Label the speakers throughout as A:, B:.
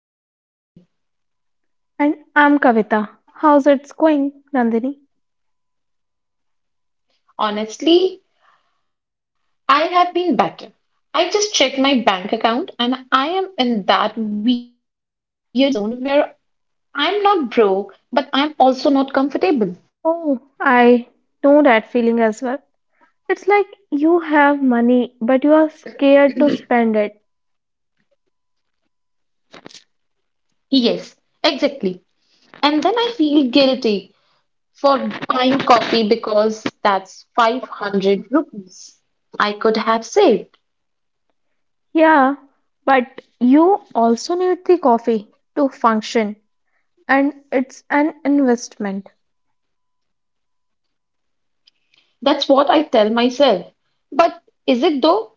A: welcome back. I'm Nandini.
B: And I'm Kavita. How's it's going, Nandini?
A: Honestly, I have been better. I just checked my bank account and I am in that weird zone where I'm not broke, but I'm also not comfortable.
B: Oh, I know that feeling as well. It's like you have money, but you are scared to spend it.
A: Yes, exactly. And then I feel guilty for buying coffee because that's 500 rupees I could have saved.
B: Yeah, but you also need the coffee to function, and it's an investment.
A: That's what I tell myself. But is it though?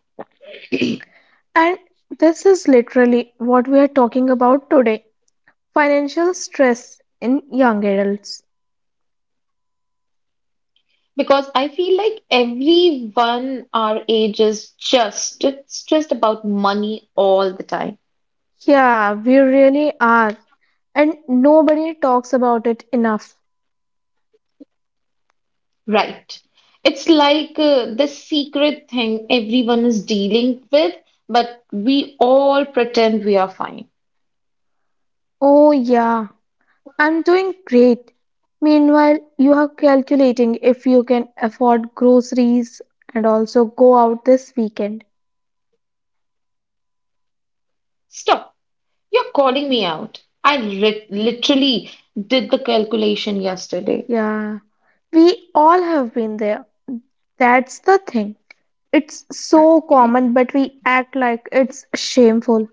B: And this is literally what we are talking about today, financial stress in young adults.
A: Because I feel like everyone our age is just stressed about money all the time,
B: Yeah, we really are, and nobody talks about it enough.
A: right? It's like this secret thing everyone is dealing with, but we all pretend we are fine.
B: Oh, yeah. I'm doing great. Meanwhile, you are calculating if you can afford groceries and also go out this weekend.
A: Stop, you're calling me out. I ri literally did the calculation yesterday.
B: Yeah, we all have been there. That's the thing. It's so common, but we act like it's shameful.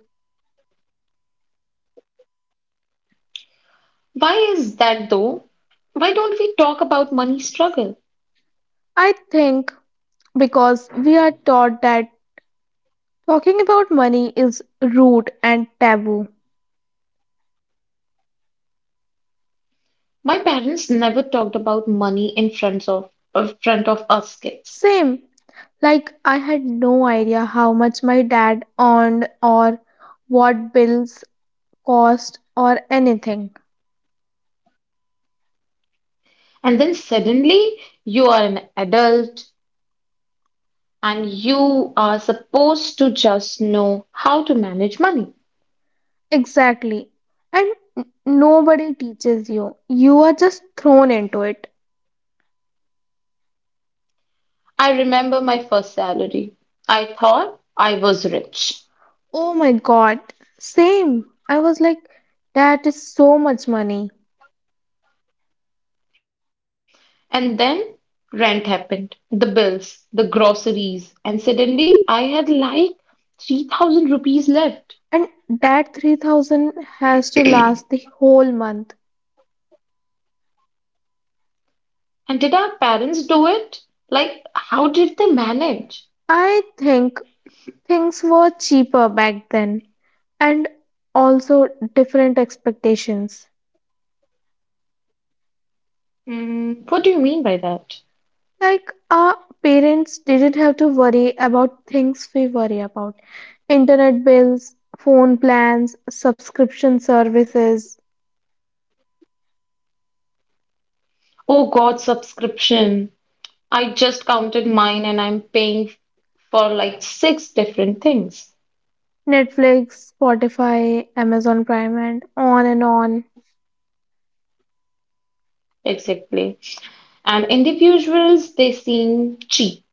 A: Why is that though? Why don't we talk about money struggle?
B: I think because we are taught that talking about money is rude and taboo.
A: My parents never talked about money in front of us kids.
B: Same, like I had no idea how much my dad earned or what bills cost or anything.
A: And then suddenly you are an adult and you are supposed to just know how to manage money.
B: Exactly. And nobody teaches you. You are just thrown into it.
A: I remember my first salary. I thought I was rich.
B: Oh my god. Same. I was like, that is so much money.
A: And then rent happened, the bills, the groceries, and suddenly I had like 3,000 rupees left.
B: And that 3,000 has to last the whole month.
A: And did our parents do it? Like, how did they manage?
B: I think things were cheaper back then and also different expectations.
A: Mm, what do you mean by that?
B: Like our parents didn't have to worry about things we worry about, internet bills, phone plans, subscription services,
A: Oh God, subscription. I just counted mine and I'm paying for like 6 different things.
B: Netflix, Spotify, Amazon Prime, and on and on.
A: Exactly. And individuals, they seem cheap.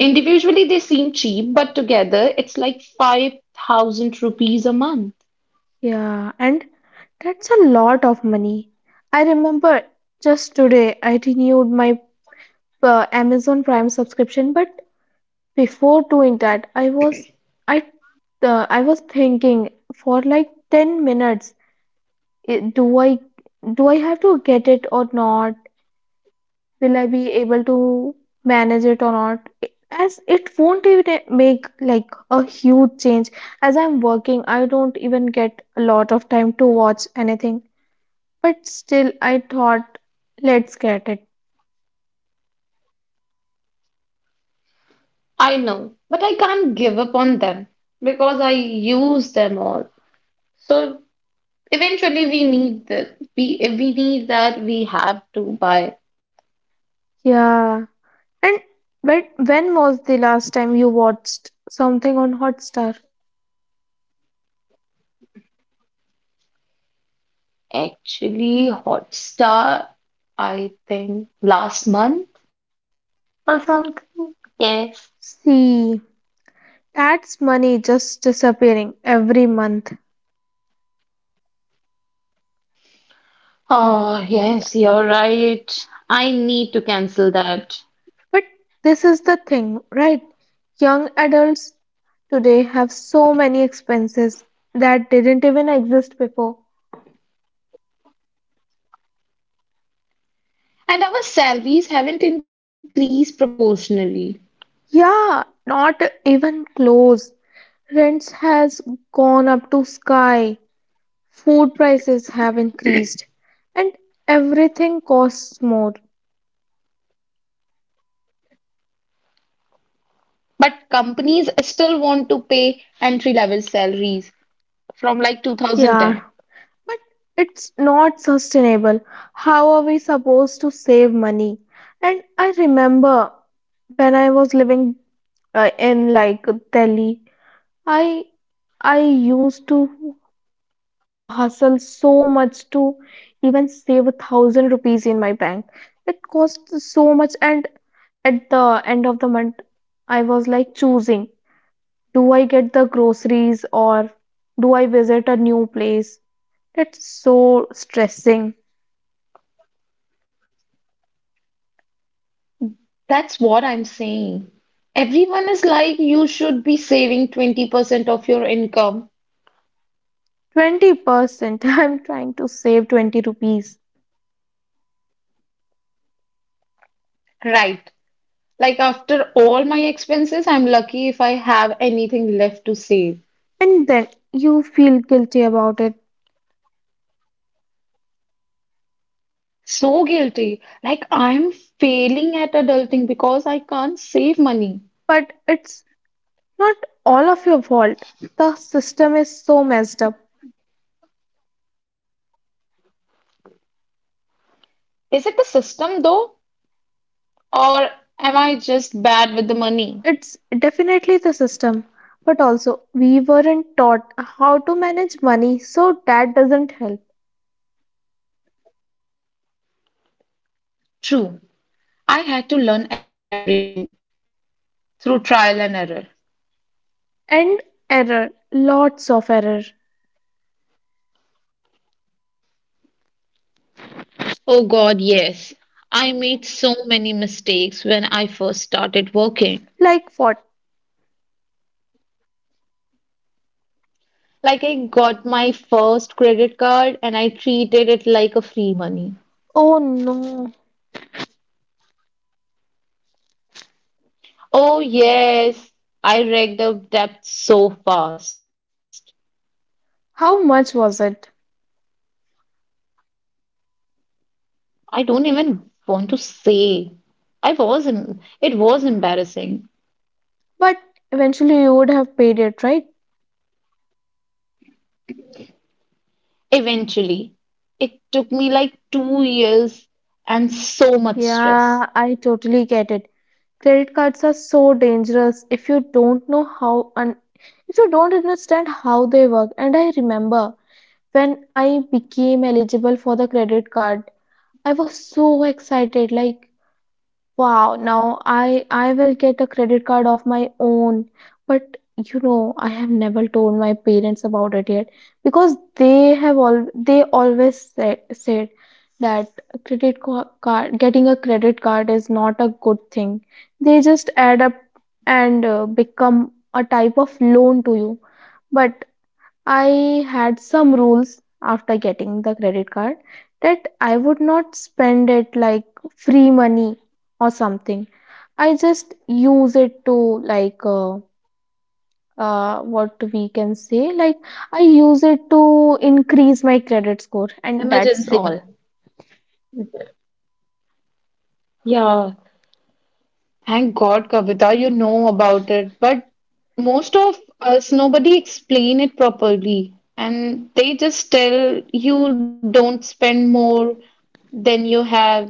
A: Individually, they seem cheap, but together it's like 5,000 rupees a month.
B: Yeah, and that's a lot of money. I remember just today I renewed my Amazon Prime subscription, but before doing that, I I was thinking for like 10 minutes. it- do I do I have to get it or not? Will I be able to manage it or not? As it won't even make like a huge change. As I'm working, I don't even get a lot of time to watch anything. But still, I thought, let's get it.
A: I know, but I can't give up on them because I use them all. So eventually we need the we if we need that we have to buy.
B: Yeah. And but when was the last time you watched something on Hotstar?
A: Actually, Hotstar, I think last month or something. Yes.
B: See, that's money just disappearing every month.
A: Oh, yes, you're right. I need to cancel that.
B: But this is the thing, right? Young adults today have so many expenses that didn't even exist before.
A: And our salaries haven't increased proportionally.
B: Yeah, not even close. Rents has gone up to sky. Food prices have increased and everything costs more.
A: But companies still want to pay entry-level salaries from like
B: Yeah,
A: 2010.
B: but it's not sustainable. How are we supposed to save money? And I remember when I was living in like Delhi, I I used to hustle so much to even save 1,000 rupees in my bank. It cost so much, and at the end of the month, I was like choosing: do I get the groceries or do I visit a new place? That's so stressing.
A: That's what I'm saying. Everyone is like, you should be saving 20% of your income.
B: 20%. I'm trying to save 20 rupees.
A: Right. Like after all my expenses, I'm lucky if I have anything left to save.
B: And then you feel guilty about it.
A: So guilty. Like I'm failing at adulting because I can't save money.
B: But it's not all of your fault. The system is so messed up.
A: Is it the system though? Or am I just bad with the money?
B: It's definitely the system. But also, we weren't taught how to manage money, so that doesn't help.
A: True. I had to learn everything through trial and error.
B: And error, lots of error.
A: Oh God, yes. I made so many mistakes when I first started working.
B: Like what?
A: Like I got my first credit card and I treated it like a free money.
B: Oh no.
A: Oh, yes, I racked up debt so fast.
B: How much was it?
A: I don't even want to say. It was embarrassing.
B: But eventually, you would have paid it, right?
A: Eventually, it took me like 2 years and so much
B: Yeah,
A: stress.
B: I totally get it. Credit cards are so dangerous if you don't know how and if you don't understand how they work. And I remember when I became eligible for the credit card, I was so excited. Like wow, now I will get a credit card of my own. But you know, I have never told my parents about it yet because they have all they always said that a card getting a credit card is not a good thing. They just add up and become a type of loan to you. But I had some rules after getting the credit card that I would not spend it like free money or something. I just use it to like what we can say, like I use it to increase my credit score and that's
A: Emergency
B: all.
A: money. Yeah, thank God, Kavita, you know about it. But most of us, nobody explain it properly. And they just tell you don't spend more than you have.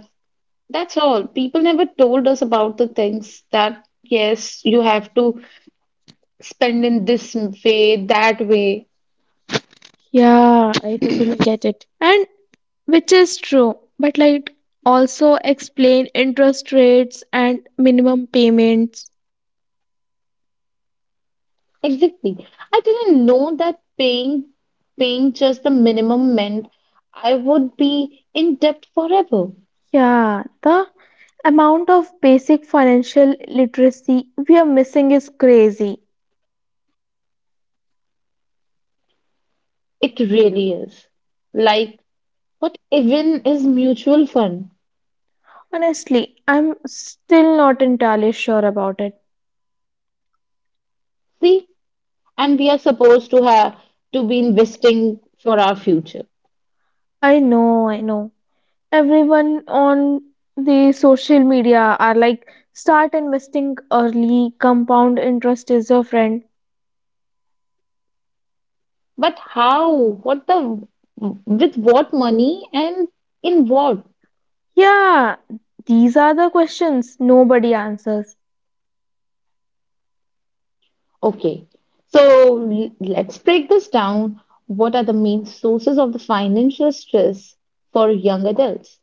A: That's all. People never told us about the things that, yes, you have to spend in this way, that way.
B: Yeah, I totally get it. And which is true, but like also explain interest rates and minimum payments.
A: Exactly. I didn't know that paying just the minimum meant I would be in debt forever.
B: Yeah, the amount of basic financial literacy we are missing is crazy.
A: It really is. Like what even is mutual fund?
B: Honestly, I'm still not entirely sure about it.
A: See? And we are supposed to have to be investing for our future.
B: I know, I know. Everyone on the social media are like, start investing early, compound interest is your friend.
A: But how? What the? With what money and in what?
B: Yeah, these are the questions nobody answers.
A: Okay, so let's break this down. What are the main sources of the financial stress for young adults?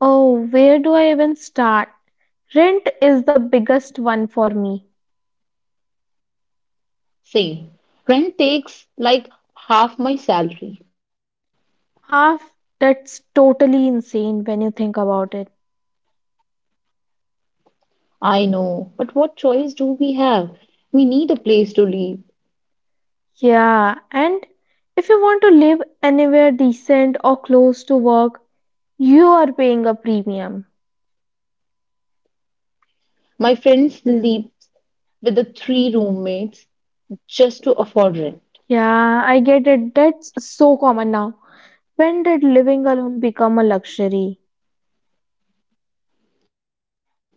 B: Oh, where do I even start? Rent is the biggest one for me.
A: Same. Rent takes like half my salary.
B: Half? That's totally insane when you think about it.
A: I know, but what choice do we have? We need a place to live.
B: Yeah, and if you want to live anywhere decent or close to work, you are paying a premium.
A: My friends live with the 3 roommates just to afford rent.
B: Yeah, I get it. That's so common now. When did living alone become a luxury?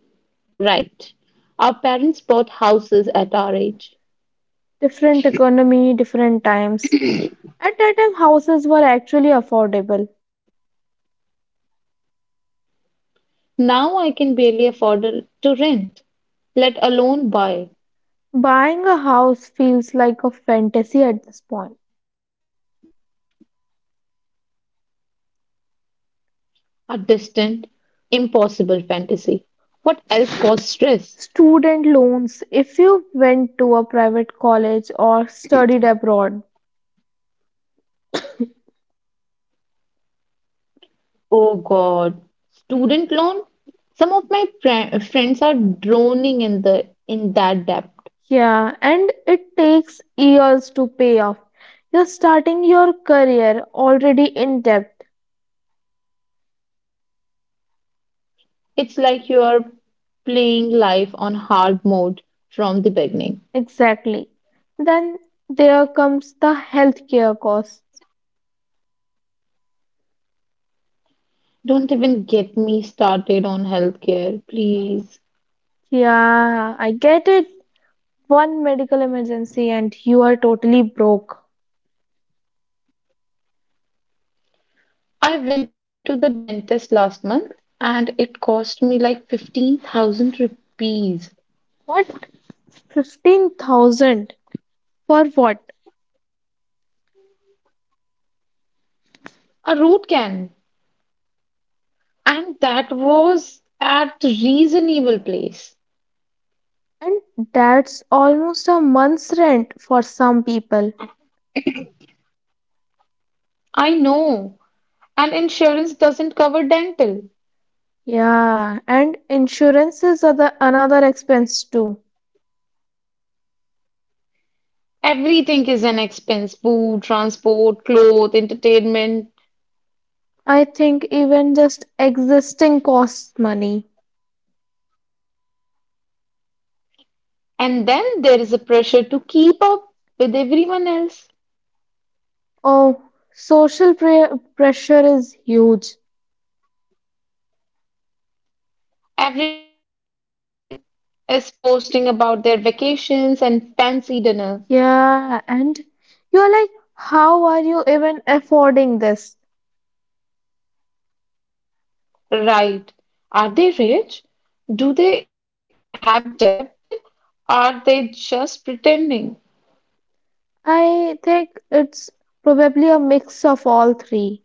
A: Right. Our parents bought houses at our age.
B: Different economy, different times. At that time, houses were actually affordable.
A: Now I can barely afford to rent, let alone buy
B: Buying a house feels like a fantasy at this point.
A: a distant, impossible fantasy. What else caused stress?
B: Student loans if you went to a private college or studied abroad.
A: Oh God. Student loan? Some of my friends are drowning in that debt.
B: Yeah, and it takes years to pay off. You're starting your career already in debt.
A: It's like you are playing life on hard mode from the beginning.
B: Exactly. Then there comes the healthcare costs.
A: Don't even get me started on healthcare, please.
B: Yeah, I get it. One medical emergency and you are totally broke.
A: I went to the dentist last month and it cost me like 15,000 rupees,
B: What? 15,000 for what?
A: a root can, and that was at reasonable place.
B: And that's almost a month's rent for some people.
A: I know. And insurance doesn't cover dental.
B: Yeah, and insurances are the another expense too.
A: Everything is an expense, food, transport, clothes, entertainment.
B: I think even just existing costs money.
A: And then there is a pressure to keep up with everyone else.
B: Oh, social pre- pressure is huge.
A: Everyone is posting about their vacations and fancy dinner.
B: Yeah, and you're like, how are you even affording this?
A: Right. Are they rich? Do they have debt? Are they just pretending?
B: I think it's probably a mix of all three.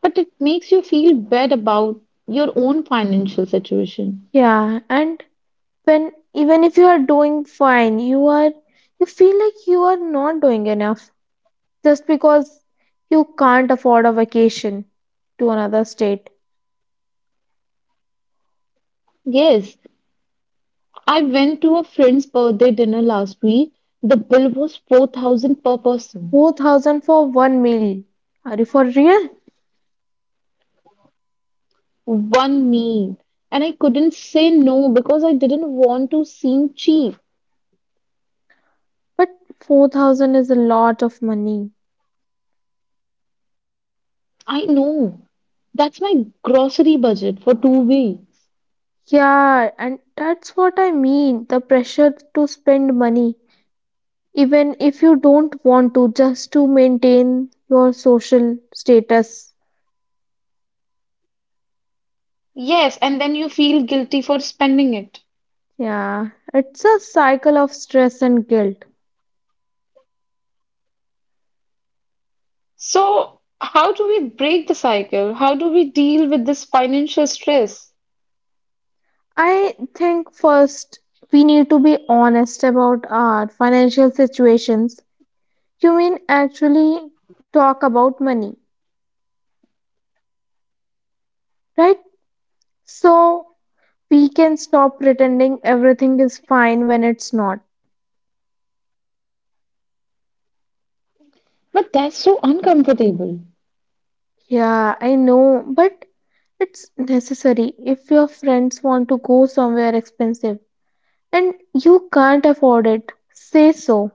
A: But it makes you feel bad about your own financial situation.
B: Yeah, and when even if you are doing fine, you are you feel like you are not doing enough, just because you can't afford a vacation to another state.
A: Yes, I went to a friend's birthday dinner last week. The bill was 4,000 per person,
B: 4,000 for one meal. Are you for real?
A: one meal. And I couldn't say no because I didn't want to seem cheap.
B: But 4,000 is a lot of money.
A: I know. That's my grocery budget for 2 weeks.
B: Yeah, and that's what I mean, the pressure to spend money, even if you don't want to, just to maintain your social status.
A: Yes, and then you feel guilty for spending it.
B: Yeah, it's a cycle of stress and guilt.
A: So, how do we break the cycle? How do we deal with this financial stress?
B: I think first we need to be honest about our financial situations. Quinn actually talk about money, right? So we can stop pretending everything is fine when it's not.
A: But that's so uncomfortable.
B: Yeah, I know, but it's necessary. If your friends want to go somewhere expensive and you can't afford it, say so.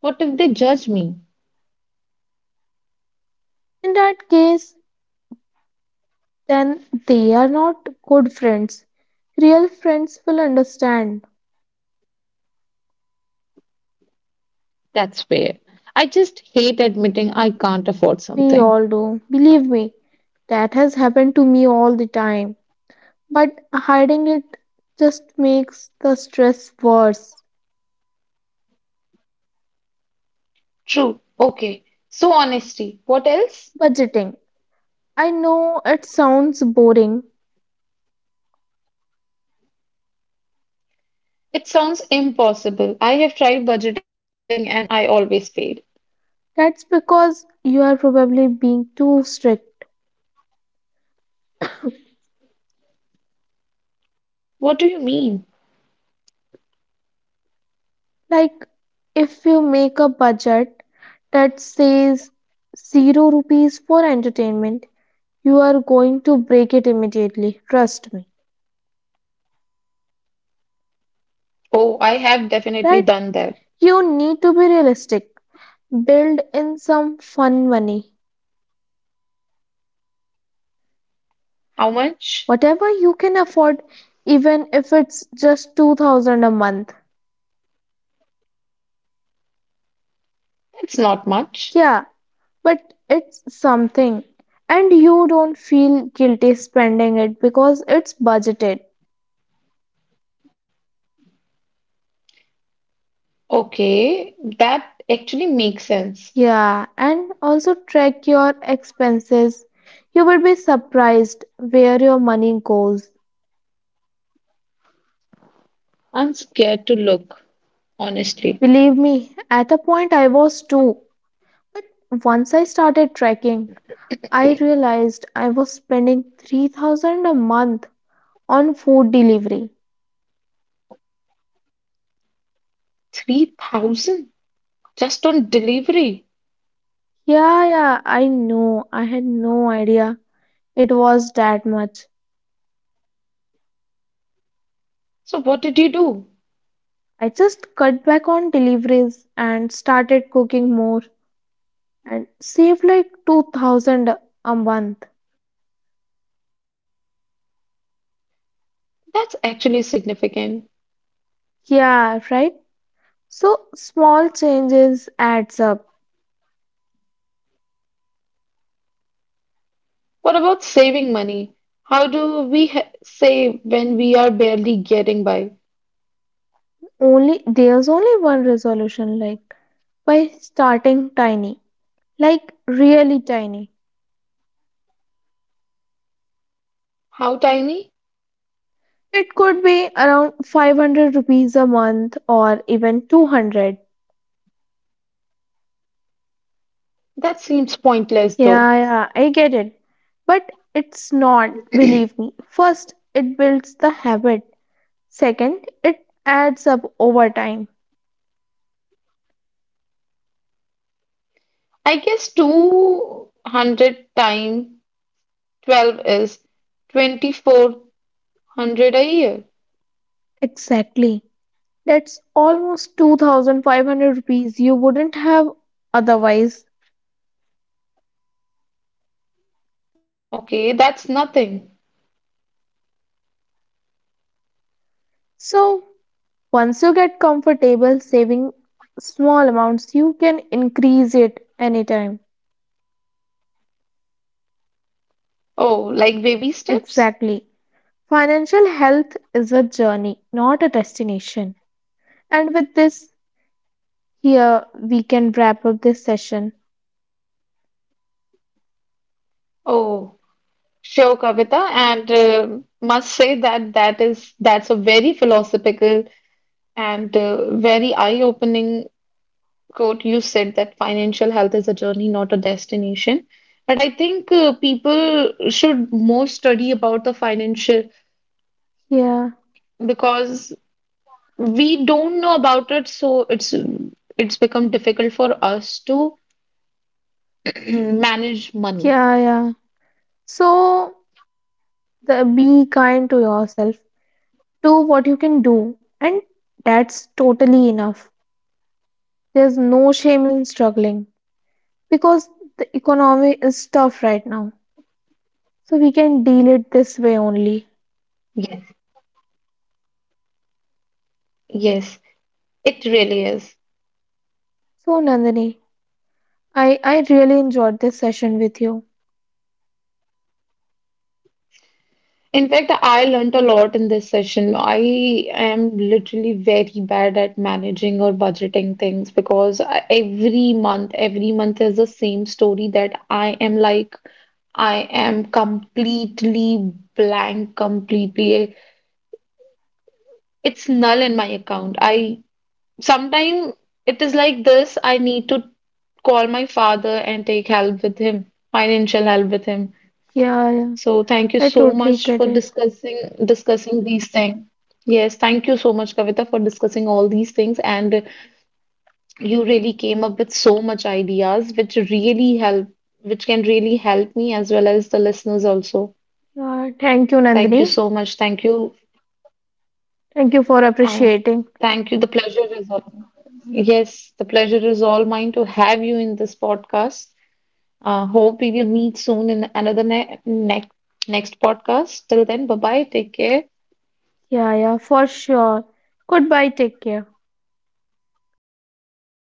A: What if they judge me?
B: In that case, then they are not good friends. Real friends will understand.
A: That's fair. I just hate admitting I can't afford
B: We
A: something.
B: all do. Believe me, that has happened to me all the time, but hiding it just makes the stress worse.
A: True. Okay. So, honesty. What else?
B: Budgeting. I know it sounds boring.
A: It sounds impossible. I have tried budgeting and I always failed.
B: That's because you are probably being too strict.
A: What do you mean?
B: Like, if you make a budget that says zero rupees for entertainment, you are going to break it immediately. Trust me.
A: Oh, I have definitely
B: Right?
A: done that.
B: You need to be realistic. Build in some fun money.
A: How much?
B: Whatever you can afford, even if it's just 2,000 a month.
A: That's not much.
B: Yeah, but it's something. And you don't feel guilty spending it because it's budgeted.
A: Okay, that actually makes sense.
B: Yeah, and also track your expenses. You will be surprised where your money goes.
A: I'm scared to look, honestly.
B: Believe me, at a point I was too. But once I started tracking, I realized I was spending 3,000 a month on food delivery.
A: 3,000 just on delivery.
B: Yeah, yeah, I know. I had no idea it was that much.
A: So, what did you do?
B: I just cut back on deliveries and started cooking more and saved like 2,000 a month.
A: That's actually significant.
B: Yeah, right? So small changes adds up.
A: What about saving money? How do we ha save when we are barely getting by?
B: Only there's only one resolution, like by starting tiny, like really tiny.
A: How tiny?
B: It could be around 500 rupees a month or even 200.
A: That seems pointless though.
B: Yeah, yeah, I get it. But it's not, believe me. First, it builds the habit. Second, it adds up over time.
A: I guess 200 times 12 is 2,400 a year.
B: Exactly. That's almost 2,500 rupees you wouldn't have otherwise.
A: Okay, that's nothing.
B: So, once you get comfortable saving small amounts, you can increase it anytime.
A: Oh, like baby steps?
B: Exactly. Financial health is a journey, not a destination. And with this, here we can wrap up this session.
A: Oh, sure, Kavita. And must say that that is that's a very philosophical and very eye-opening quote. You said that financial health is a journey, not a destination. But I think people should more study about the financial
B: Yeah,
A: because we don't know about it, so it's become difficult for us to manage money.
B: yeah, yeah. So the be kind to yourself. Do what you can do, and that's totally enough. There's no shame in struggling because the economy is tough right now. So we can deal it this way only.
A: Yes. Yes, it really is.
B: So Nandini, I really enjoyed this session with you.
A: In fact, I learned a lot in this session. I am literally very bad at managing or budgeting things because every month is the same story that I am like, I am completely blank, completely. It's null in my account. I sometimes it is like this. I need to call my father and take help with him, financial help with him.
B: Yeah, yeah.
A: So thank you
B: I
A: so
B: totally
A: much
B: get
A: for
B: it.
A: discussing these things. Yes, thank you so much, Kavita, for discussing all these things. And you really came up with so much ideas, which really help, which can really help me as well as the listeners also.
B: Yeah, thank you,
A: Thank you
B: Nandini.
A: so much. Thank you.
B: Thank you for
A: Uh,
B: appreciating.
A: thank you. The pleasure is all. Yes, the pleasure is all mine to have you in this podcast. Hope we will meet soon in another ne next podcast. Till then, bye bye. Take care.
B: Yeah, yeah, for sure. Goodbye, take care.